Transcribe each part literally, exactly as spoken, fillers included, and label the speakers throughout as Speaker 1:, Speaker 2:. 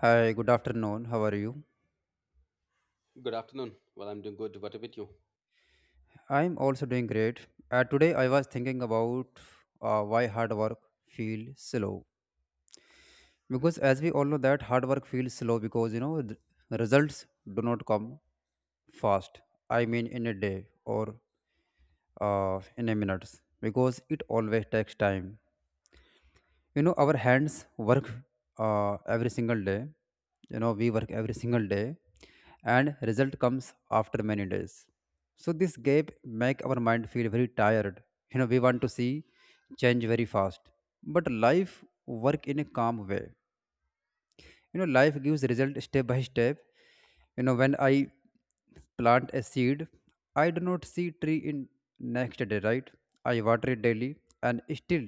Speaker 1: Hi, good afternoon. How are you?
Speaker 2: Good afternoon. Well, I'm doing good. What about you?
Speaker 1: I'm also doing great. Uh, today I was thinking about uh, why hard work feels slow. Because as we all know that hard work feels slow because you know the results do not come fast. I mean in a day or uh, in a minutes because it always takes time you know our hands work uh, every single day you know we work every single day and result comes after many days so this gap make our mind feel very tired you know we want to see change very fast but life work in a calm way you know life gives result step by step you know when I plant a seed I do not see tree in next day, right? I water it daily and still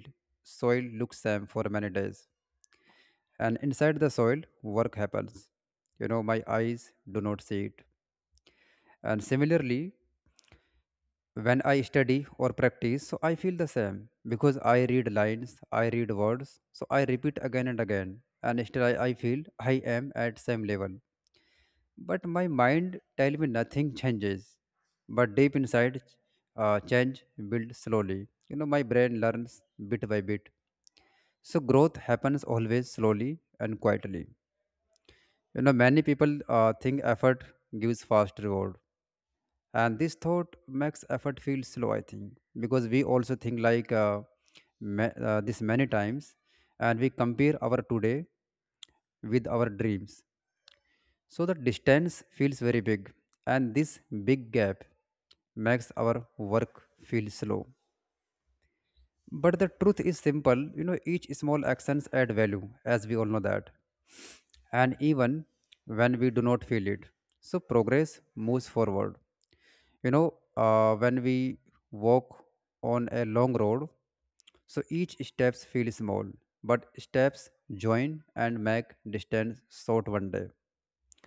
Speaker 1: soil looks same for many days and inside the soil work happens. You know my eyes do not see it. And similarly when I study or practice so I feel the same because I read lines I read words so I repeat again and again and still i, I feel I am at same level but my mind tell me nothing changes. But deep inside uh, change builds slowly. You know my brain learns bit by bit so growth happens always slowly and quietly. You know, many people uh, think effort gives fast reward, and this thought makes effort feel slow. I think because we also think like uh, ma- uh, this many times, and we compare our today with our dreams. So the distance feels very big, and this big gap makes our work feel slow. But the truth is simple. You know, each small actions add value, as we all know that. And even when we do not feel it. So progress moves forward. You know, uh, when we walk on a long road, so each steps feel small, but steps join and make distance short one day.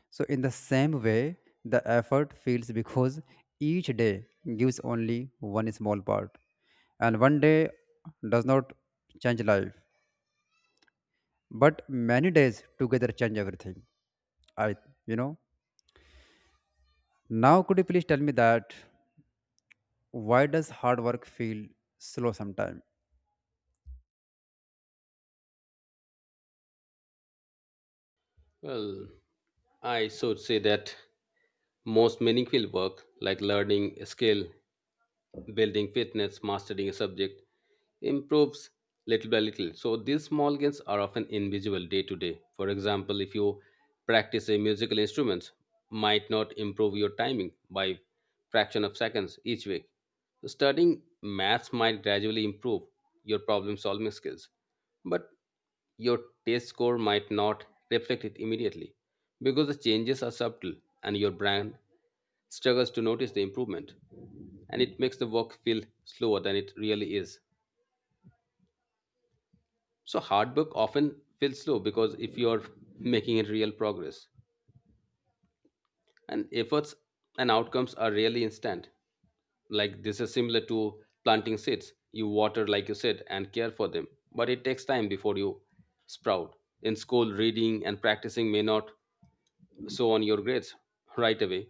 Speaker 1: So in the same way, the effort feels because each day gives only one small part, and one day does not change life, but many days together change everything. I, you know. Now, could you please tell me that why does hard work feel slow sometimes?
Speaker 2: Well, I should say that most meaningful work, like learning a skill, building fitness, mastering a subject, improves little by little. So these small gains are often invisible day to day. For example, if you practice a musical instrument, might not improve your timing by fraction of seconds each week. So, studying maths might gradually improve your problem solving skills. But your taste score might not reflect it immediately because the changes are subtle and your brand struggles to notice the improvement and it makes the work feel slower than it really is. So hard work often feels slow because if you are making it real progress and efforts and outcomes are rarely instant. Like this is similar to planting seeds. You water like you said and care for them, but it takes time before you sprout. In school, reading and practicing may not so on your grades right away.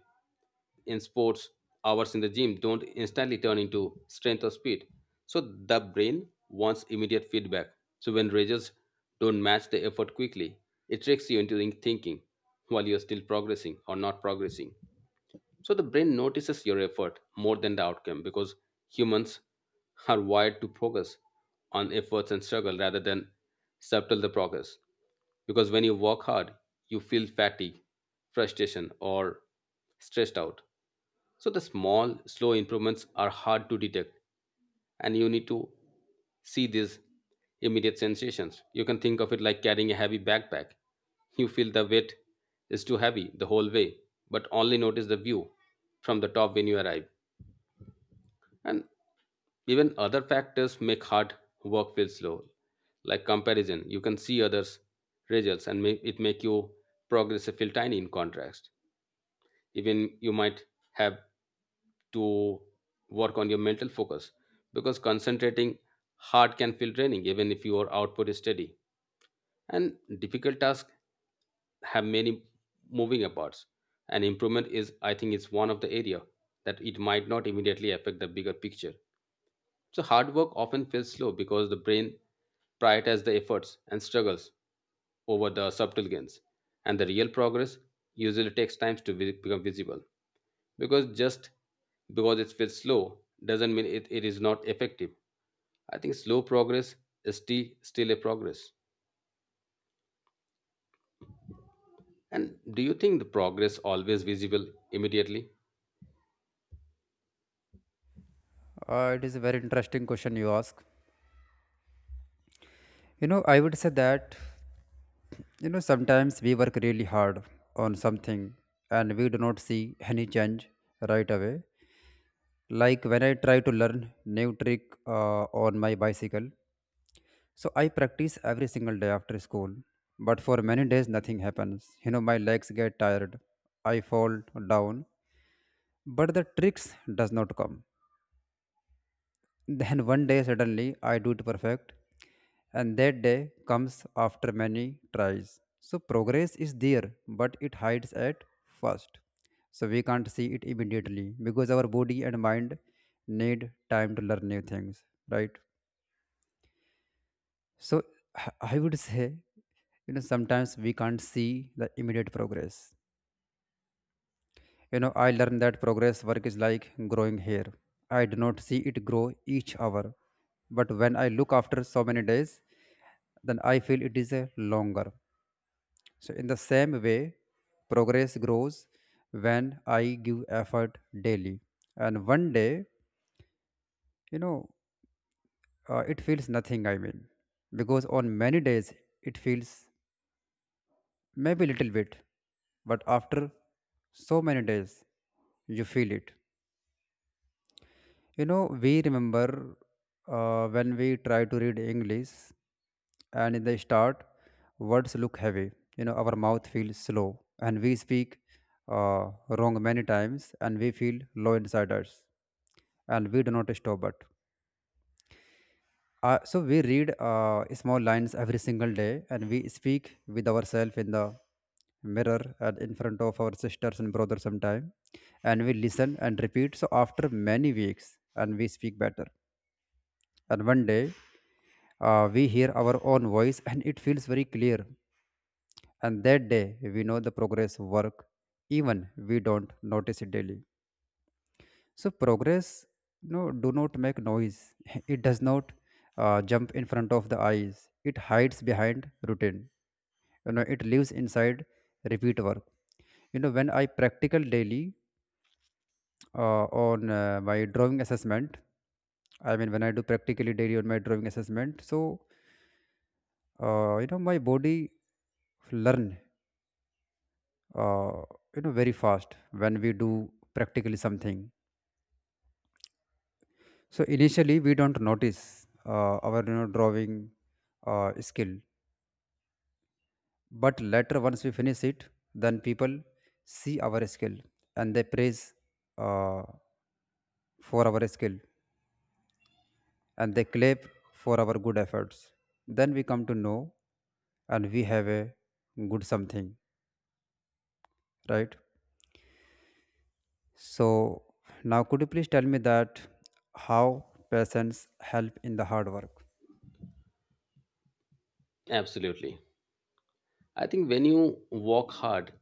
Speaker 2: In sports, hours in the gym don't instantly turn into strength or speed. So the brain wants immediate feedback. So when results don't match the effort quickly, it tricks you into thinking while you're still progressing or not progressing. So the brain notices your effort more than the outcome because humans are wired to focus on efforts and struggle rather than subtle the progress. Because when you work hard, you feel fatigue, frustration, or stressed out. So the small, slow improvements are hard to detect and you need to see these immediate sensations. You can think of it like carrying a heavy backpack. You feel the weight is too heavy the whole way, but only notice the view from the top when you arrive. And even other factors make hard work feel slow, like comparison. You can see others' results and make it make you progress feel tiny in contrast. Even you might have to work on your mental focus because concentrating hard can feel draining even if your output is steady and difficult tasks have many moving parts and improvement is I think it's one of the area that it might not immediately affect the bigger picture. So hard work often feels slow because the brain prioritizes the efforts and struggles over the subtle gains and the real progress usually takes time to vi- become visible because just because it feels slow doesn't mean it, it is not effective. I think slow progress is still still a progress. And do you think the progress always visible immediately?
Speaker 1: Uh, it is a very interesting question you ask. You know, I would say that you know sometimes we work really hard on something and we do not see any change right away. Like when I try to learn new trick uh, on my bicycle, so I practice every single day after school. But for many days, nothing happens. You know, my legs get tired. I fall down, but the tricks does not come. Then one day suddenly I do it perfect, and that day comes after many tries. So progress is there, but it hides at first. So we can't see it immediately because our body and mind need time to learn new things, right? So I I would say, you know, sometimes we can't see the immediate progress. You know, I learned that progress work is like growing hair. I do not see it grow each hour, but when I look after so many days, then I feel it is a longer. So, in the same way, progress grows when I give effort daily. And one day, you know, uh, it feels nothing, I mean, because on many days, it feels maybe little bit, but after so many days, you feel it. You know, we remember uh, when we try to read English, and in the start, words look heavy. You know, our mouth feels slow, and we speak uh, wrong many times, and we feel low inside us, and we do not stop. But uh, so we read uh, small lines every single day, and we speak with ourselves in the mirror and in front of our sisters and brothers sometime and we listen and repeat so after many weeks and we speak better. And one day, uh, we hear our own voice and it feels very clear. And that day, we know the progress work, even we don't notice it daily. So progress, no, do not make noise. It does not uh, jump in front of the eyes. It hides behind routine. You know, it lives inside repeat work. You know, when I practical daily uh, on uh, my drawing assessment, I mean, when I do practically daily on my drawing assessment, so uh, you know my body learn uh, you know very fast when we do practically something so initially we don't notice uh, our you know drawing uh, skill but later once we finish it then people see our skill and they praise uh, for our skill and they clap for our good efforts then we come to know and we have a good something, right? So now could you please tell me that how patients help in the hard work?
Speaker 2: Absolutely. I think when you work hard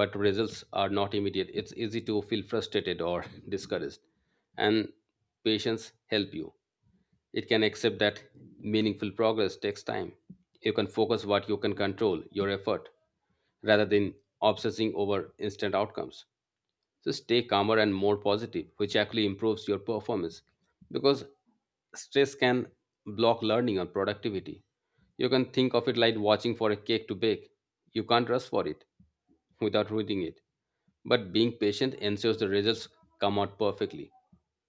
Speaker 2: but results are not immediate, it's easy to feel frustrated or discouraged, and patience help you. It can accept that meaningful progress takes time. You can focus what you can control, your effort, rather than obsessing over instant outcomes. So stay calmer and more positive, which actually improves your performance because stress can block learning and productivity. You can think of it like watching for a cake to bake. You can't rush for it without ruining it. But being patient ensures the results come out perfectly.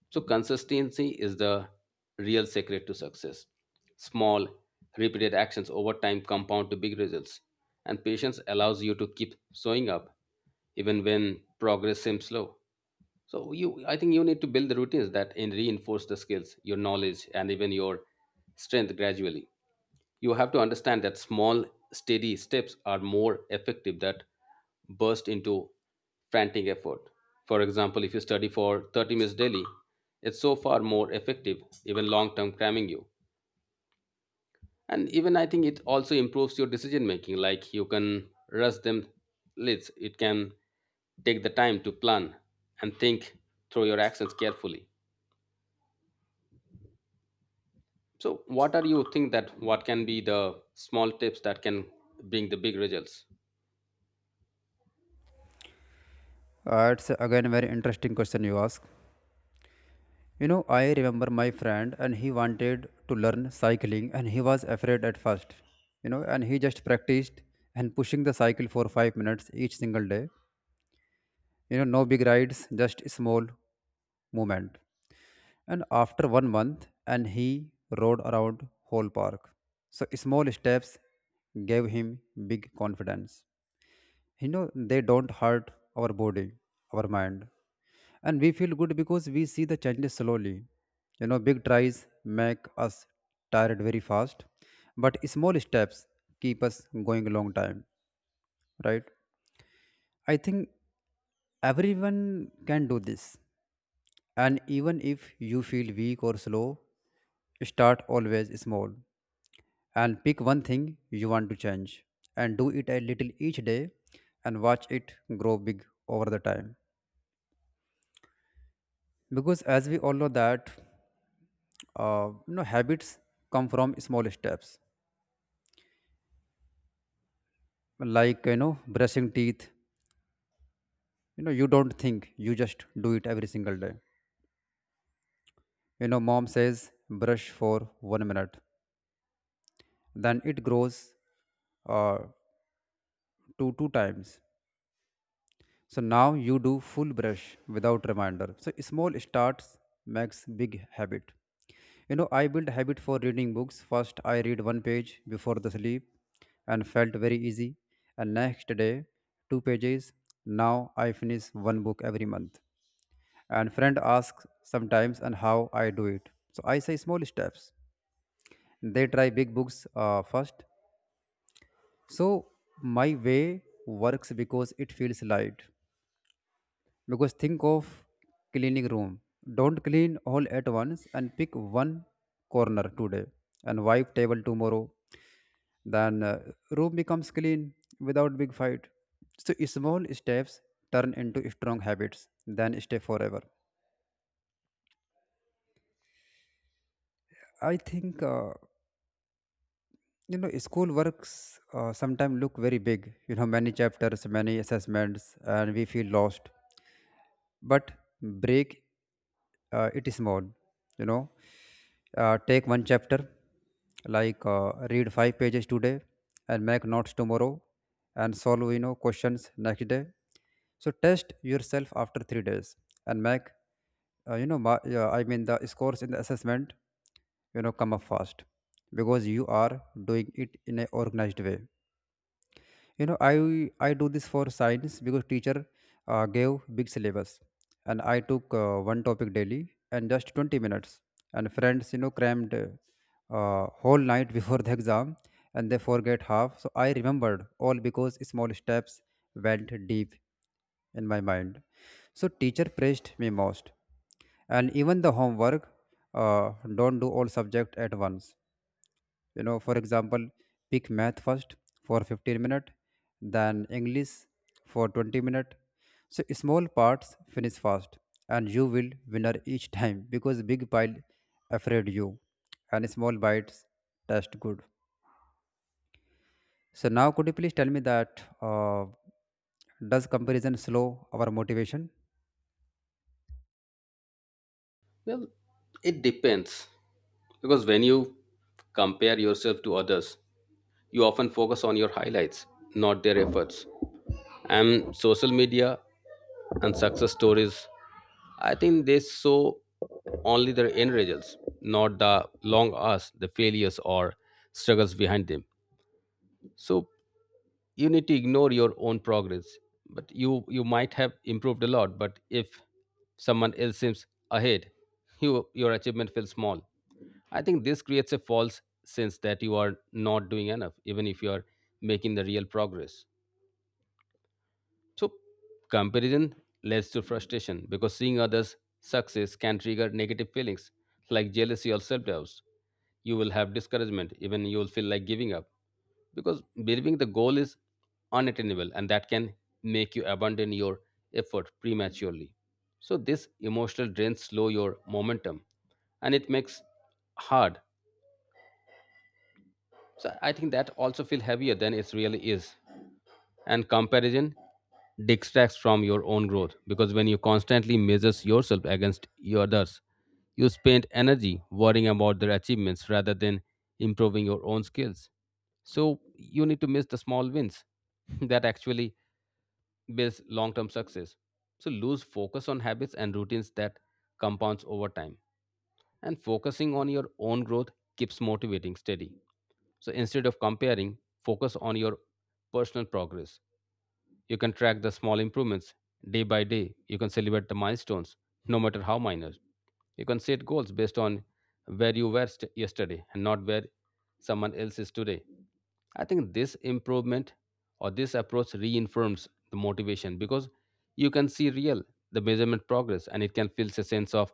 Speaker 2: So, consistency is the real secret to success. Small, repeated actions over time compound to big results, and patience allows you to keep showing up even when progress seems slow. So you, I think you need to build the routines that and reinforce the skills, your knowledge, and even your strength gradually. You have to understand that small steady steps are more effective that burst into frantic effort. For example, if you study for thirty minutes daily, it's so far more effective even long term cramming you. And even I think it also improves your decision making. Like you can rush them leads, it can take the time to plan and think through your actions carefully. So what are you think that what can be the small tips that can bring the big results?
Speaker 1: Uh, it's again a very interesting question you ask. You know, I remember my friend and he wanted to learn cycling and he was afraid at first. You know, and he just practiced and pushing the cycle for five minutes each single day. You know, no big rides, just small movement. And after one month, and he rode around whole park. So small steps gave him big confidence. You know they don't hurt our body our mind and we feel good because we see the changes slowly. You know big tries make us tired very fast but small steps keep us going a long time, right? I think everyone can do this, and even if you feel weak or slow start always small and pick one thing you want to change and do it a little each day and watch it grow big over the time. Because as we all know that uh, you know habits come from small steps like you know brushing teeth you know you don't think you just do it every single day. You know mom says brush for one minute then it grows uh, to two times. So now you do full brush without reminder. So small starts makes big habit. You know, I built habit for reading books. First, I read one page before the sleep and felt very easy. And next day, two pages. Now I finish one book every month. And friend asks sometimes and how I do it. So I say small steps. They try big books uh, first. So my way works because it feels light because think of cleaning room don't clean all at once and pick one corner today and wipe table tomorrow then uh, room becomes clean without big fight. So small steps turn into strong habits then stay forever. I think uh, you know school works uh, sometimes look very big. You know many chapters many assessments and we feel lost but break uh, it small you know uh, take one chapter like uh, read five pages today and make notes tomorrow and solve you know questions next day so test yourself after three days and make uh, you know ma- yeah, I mean the scores in the assessment you know come up fast because you are doing it in a organized way. You know i i do this for science because teacher uh, gave big syllabus and I took uh, one topic daily and just twenty minutes and friends you know crammed uh, whole night before the exam and they forget half so I remembered all because small steps went deep in my mind so teacher praised me most. And even the homework uh, don't do all subject at once you know for example pick math first for fifteen minutes, then english for twenty minutes. So small parts finish fast, and you will winner each time because big pile afraid you, and small bites taste good. So now could you please tell me that uh, does comparison slow our motivation?
Speaker 2: Well, it depends because when you compare yourself to others, you often focus on your highlights, not their efforts. And social media and success stories, I think they show only their end results, not the long hours, the failures or struggles behind them. So you need to ignore your own progress, but you you might have improved a lot but if someone else seems ahead, you, your achievement feels small. I think this creates a false sense that you are not doing enough even if you are making the real progress. So, comparison leads to frustration because seeing others' success can trigger negative feelings like jealousy or self doubt. You will have discouragement, even you will feel like giving up because believing the goal is unattainable and that can make you abandon your effort prematurely. So, this emotional drain slow your momentum and it makes hard. So, I think that also feel heavier than it really is. And comparison distracts from your own growth because when you constantly measure yourself against your others, you spend energy worrying about their achievements rather than improving your own skills. So you need to miss the small wins that actually builds long term success. So lose focus on habits and routines that compounds over time. And focusing on your own growth keeps motivating steady. So instead of comparing, focus on your personal progress. You can track the small improvements day by day. You can celebrate the milestones, no matter how minor. You can set goals based on where you were st- yesterday and not where someone else is today. I think this improvement or this approach reinforces the motivation because you can see real the measurement progress and it can feel a sense of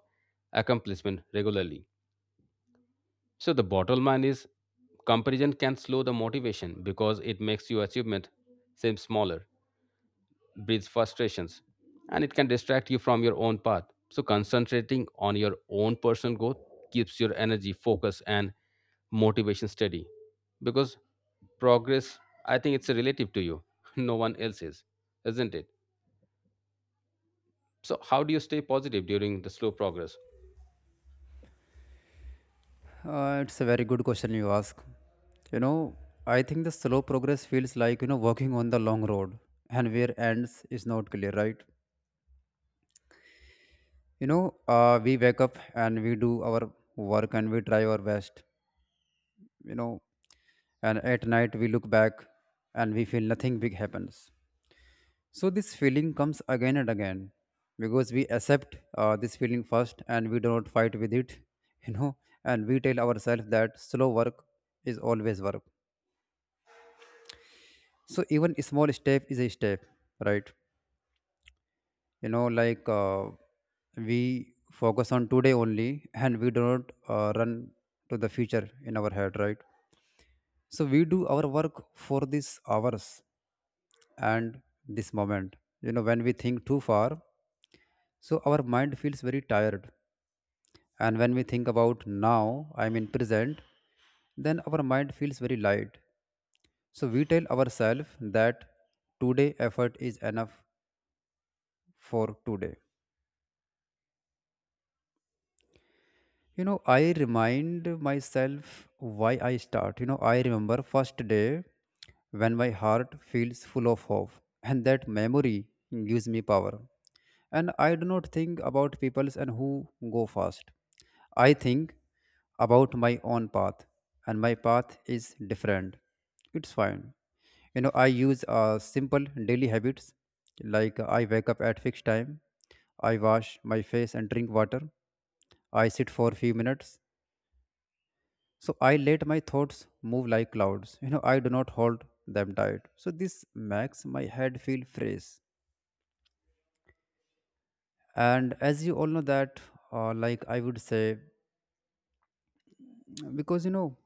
Speaker 2: accomplishment regularly. So the bottom line is comparison can slow the motivation because it makes your achievement seem smaller, breeds frustrations, and it can distract you from your own path. So, concentrating on your own personal growth keeps your energy, focus, and motivation steady because progress, I think it's relative to you, no one else is, isn't it? So, how do you stay positive during the slow progress?
Speaker 1: uh, It's a very good question you ask. You know, I think the slow progress feels like, you know, walking on the long road, and where ends is not clear, right? You know uh, we wake up and we do our work and we try our best, you know. And at night we look back, and we feel nothing big happens. So this feeling comes again and again because we accept uh, this feeling first and we do not fight with it. you know and we tell ourselves that slow work is always work. So even a small step is a step, right? You know like, uh, we focus on today only, and we do not uh, run to the future in our head, right? So we do our work for these hours and this moment. You know, when we think too far, so our mind feels very tired. And when we think about now, I mean present, then our mind feels very light. So we tell ourselves that today effort is enough for today. You know, I remind myself why I start. You know, I remember first day when my heart feels full of hope, and that memory gives me power. And I do not think about people's and who go fast. I think about my own path, and my path is different. It's fine. You know, I use uh, simple daily habits, like I wake up at fixed time, I wash my face and drink water, I sit for few minutes, so I let my thoughts move like clouds. You know, I do not hold them tight. So this makes my head feel fresh. And as you all know that, uh, like I would say, because you know,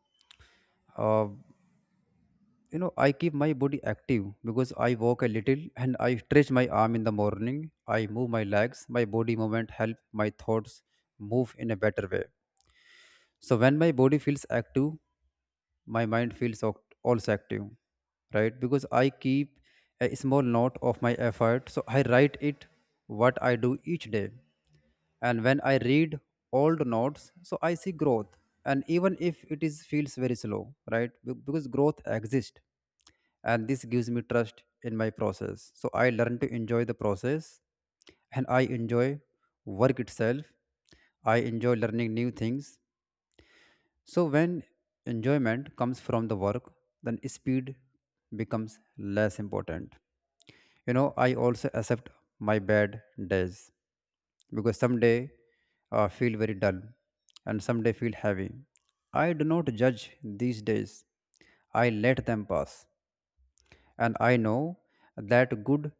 Speaker 1: uh, you know, I keep my body active because I walk a little and I stretch my arm in the morning. I move my legs. My body movement help my thoughts move in a better way. So when my body feels active, my mind feels oc- also active, right? Because I keep a small note of my effort, so I write it what I do each day. And when I read old notes, so I see growth, and even if it is feels very slow, right? Be- because growth exists, and this gives me trust in my process. So I learn to enjoy the process, and I enjoy work itself. I enjoy learning new things. So when enjoyment comes from the work, then speed becomes less important. You know, I also accept my bad days because someday I feel very dull and someday feel heavy. I do not judge these days, I let them pass. And I know that good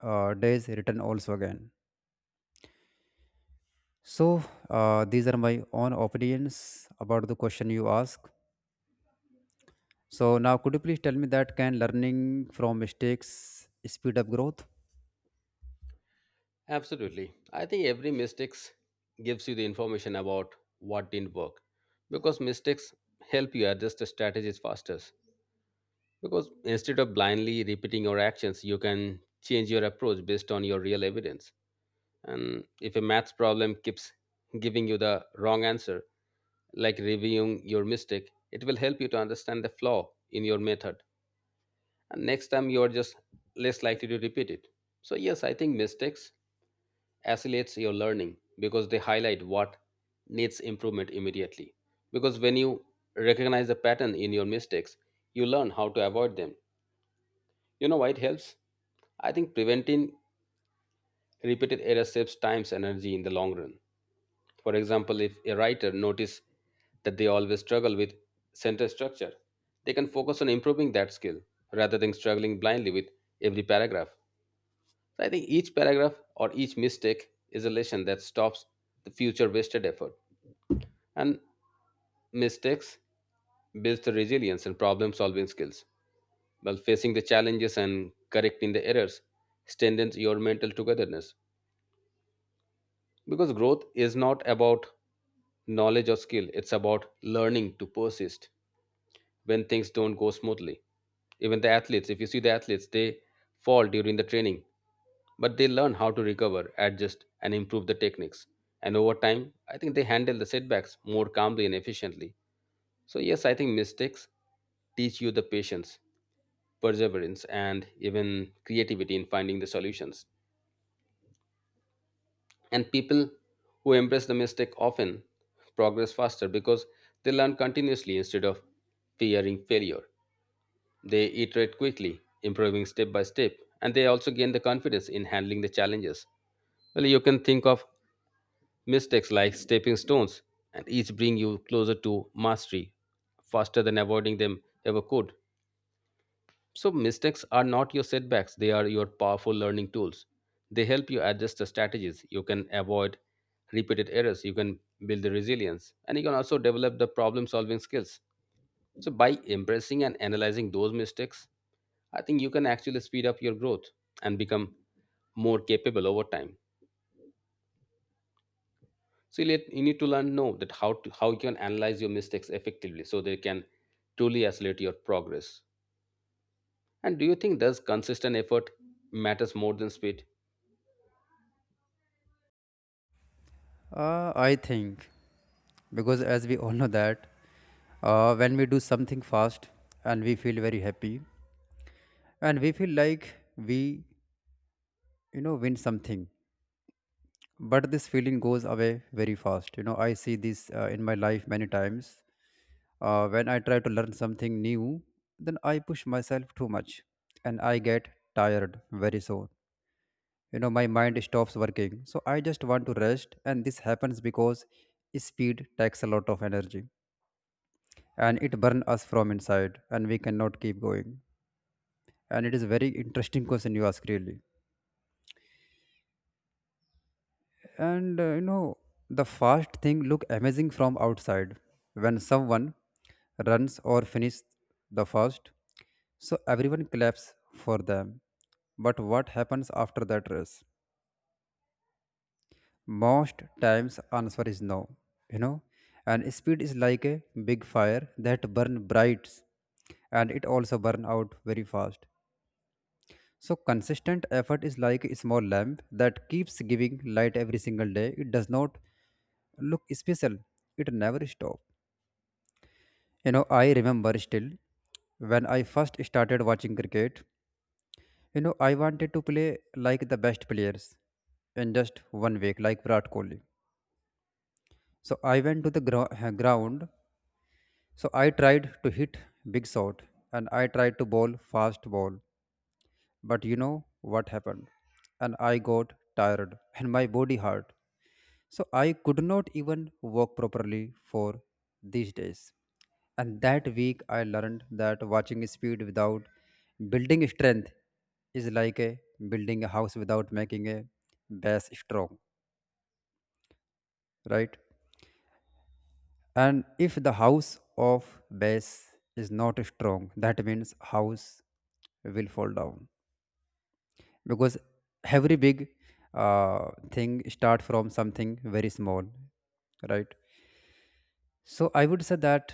Speaker 1: uh, days return also again. So, uh, these are my own opinions about the question you ask. So now, could you please tell me that can learning from mistakes speed up growth?
Speaker 2: Absolutely. I think every mistakes gives you the information about what didn't work because mistakes help you adjust the strategies faster. Because instead of blindly repeating your actions, you can change your approach based on your real evidence. And if a maths problem keeps giving you the wrong answer, like reviewing your mistake, it will help you to understand the flaw in your method. And next time you are just less likely to repeat it. So yes, I think mistakes accelerates your learning because they highlight what needs improvement immediately. Because when you recognize the pattern in your mistakes, you learn how to avoid them. You know why it helps? I think preventing repeated errors saves time and energy in the long run. For example, if a writer notices that they always struggle with sentence structure, they can focus on improving that skill rather than struggling blindly with every paragraph. So I think each paragraph or each mistake is a lesson that stops the future wasted effort. And mistakes builds the resilience and problem solving skills. While facing the challenges and correcting the errors strengthens your mental togetherness because growth is not about knowledge or skill. It's about learning to persist when things don't go smoothly. Even the athletes, if you see the athletes, they fall during the training, but they learn how to recover, adjust, and improve the techniques. And over time, I think they handle the setbacks more calmly and efficiently. So, yes, I think mistakes teach you the patience, perseverance, and even creativity in finding the solutions. And people who embrace the mistake often progress faster because they learn continuously instead of fearing failure. They iterate quickly, improving step by step, and they also gain the confidence in handling the challenges. Well, you can think of mistakes like stepping stones, and each bring you closer to mastery faster than avoiding them ever could. So, mistakes are not your setbacks, they are your powerful learning tools. They help you adjust the strategies. You can avoid repeated errors, you can build the resilience, and you can also develop the problem solving skills. So, by embracing and analyzing those mistakes, I think you can actually speed up your growth and become more capable over time. So, you, let, you need to learn know that how to how you can analyze your mistakes effectively so they can truly accelerate your progress. And do you think does consistent effort matters more than speed?
Speaker 1: Uh, I think, because as we all know that, uh, when we do something fast and we feel very happy and we feel like we, you know, win something, but this feeling goes away very fast. You know, I see this uh, in my life many times. Uh, when I try to learn something new, then I push myself too much and I get tired very soon. You know, my mind stops working, so I just want to rest. And this happens because speed takes a lot of energy and it burns us from inside and we cannot keep going. And it is very interesting question you ask, really. And uh, you know, the fast thing look amazing from outside. When someone runs or finishes the fast, so everyone claps for them. But what happens after that race? Most times answer is no, you know. And speed is like a big fire that burn bright, and it also burn out very fast. So consistent effort is like a small lamp that keeps giving light every single day. It does not look special. It never stop. You know, I remember still when I first started watching cricket, you know, I wanted to play like the best players in just one week, like Virat Kohli. So I went to the gro- ground. So I tried to hit big shot and I tried to bowl fast ball. But you know what happened? And I got tired and my body hurt. So I could not even walk properly for these days. And that week I learned that watching speed without building strength is like a building a house without making a base strong, right? And if the house of base is not strong, that means house will fall down. Because every big uh, thing start from something very small, right? So I would say that,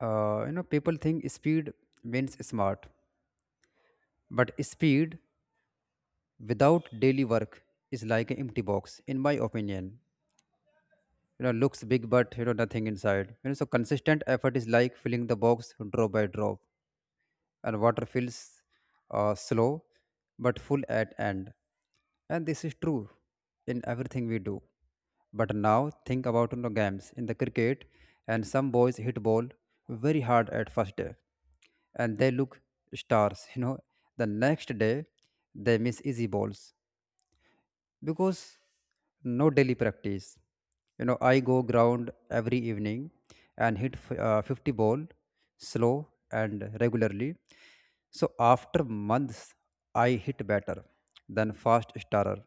Speaker 1: uh, you know, people think speed means smart, but speed without daily work is like an empty box, in my opinion. You know, looks big but, you know, nothing inside, you know. So consistent effort is like filling the box drop by drop, and water feels uh, slow but full at end. And this is true in everything we do. But now think about, you know, games in the cricket, and some boys hit ball very hard at first day and they look stars you know. The next day they miss easy balls because no daily practice. You know, I go ground every evening and hit f- uh, fifty ball slow and regularly. So after months, I hit better than fast starter.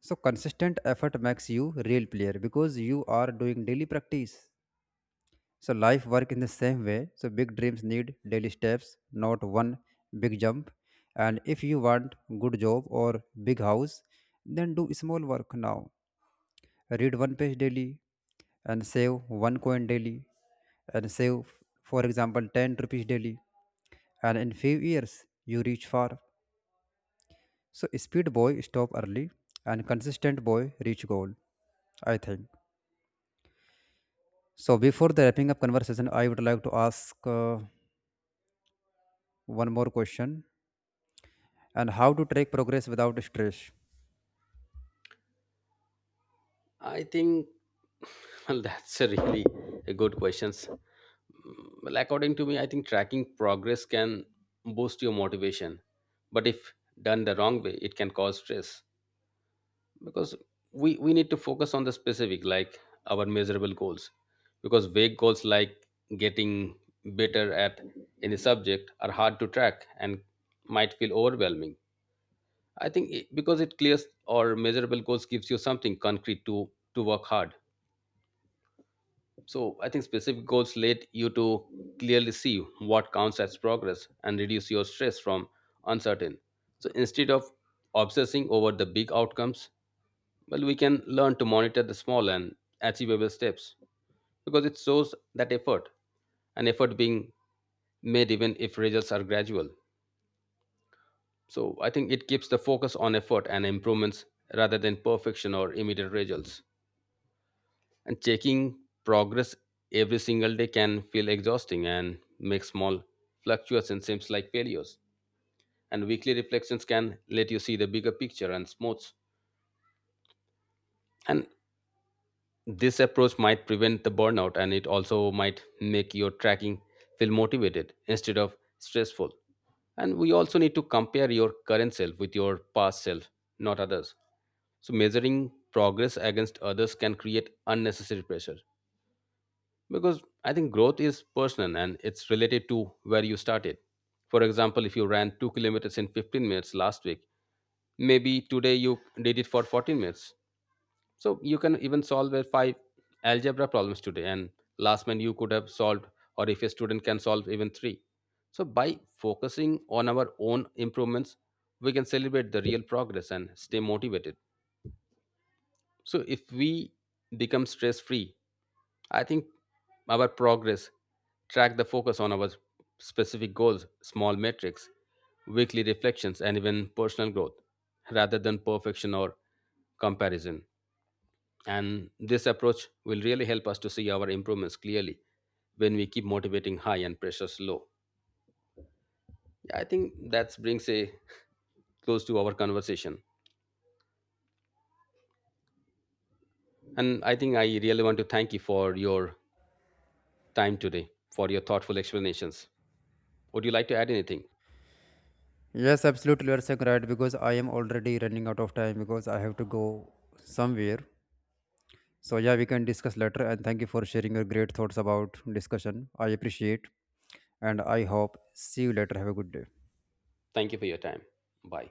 Speaker 1: So consistent effort makes you real player because you are doing daily practice. So life work in the same way. So big dreams need daily steps, not one big jump. And if you want good job or big house, then do small work now. Read one page daily, and save one coin daily, and save, for example, ten rupees daily, and in few years you reach far. So speed boy stop early and consistent boy reach goal, I think. So before the wrapping up conversation, I would like to ask uh, one more question. And how to track progress without stress?
Speaker 2: I think well that's a really a good question. Well, according to me, I think tracking progress can boost your motivation, but if done the wrong way, it can cause stress because we we need to focus on the specific like our measurable goals because vague goals like getting better at any subject are hard to track and might feel overwhelming. I think it, because it clears or measurable goals gives you something concrete to to work hard. So I think specific goals let you to clearly see what counts as progress and reduce your stress from uncertain. So instead of obsessing over the big outcomes, well, we can learn to monitor the small and achievable steps because it shows that effort, an effort being made even if results are gradual. So I think it keeps the focus on effort and improvements rather than perfection or immediate results. And checking progress every single day can feel exhausting and make small fluctuations seems like failures, and weekly reflections can let you see the bigger picture and smooths. And this approach might prevent the burnout and it also might make your tracking feel motivated instead of stressful. And we also need to compare your current self with your past self, not others. So measuring progress against others can create unnecessary pressure because I think growth is personal and it's related to where you started. For example, if you ran two kilometers in fifteen minutes last week, maybe today you did it for fourteen minutes. So you can even solve a five algebra problems today and last month you could have solved, or if a student can solve even three. So by focusing on our own improvements, we can celebrate the real progress and stay motivated. So if we become stress free, I think our progress track the focus on our specific goals, small metrics, weekly reflections, and even personal growth rather than perfection or comparison. And this approach will really help us to see our improvements clearly when we keep motivating high and pressures low. Yeah, I think that brings a close to our conversation. And I think I really want to thank you for your time today, for your thoughtful explanations. Would you like to add anything?
Speaker 1: Yes, absolutely, you're saying right, because I am already running out of time because I have to go somewhere. So yeah, we can discuss later. And thank you for sharing your great thoughts about discussion. I appreciate, and I hope see you later. Have a good day.
Speaker 2: Thank you for your time. Bye.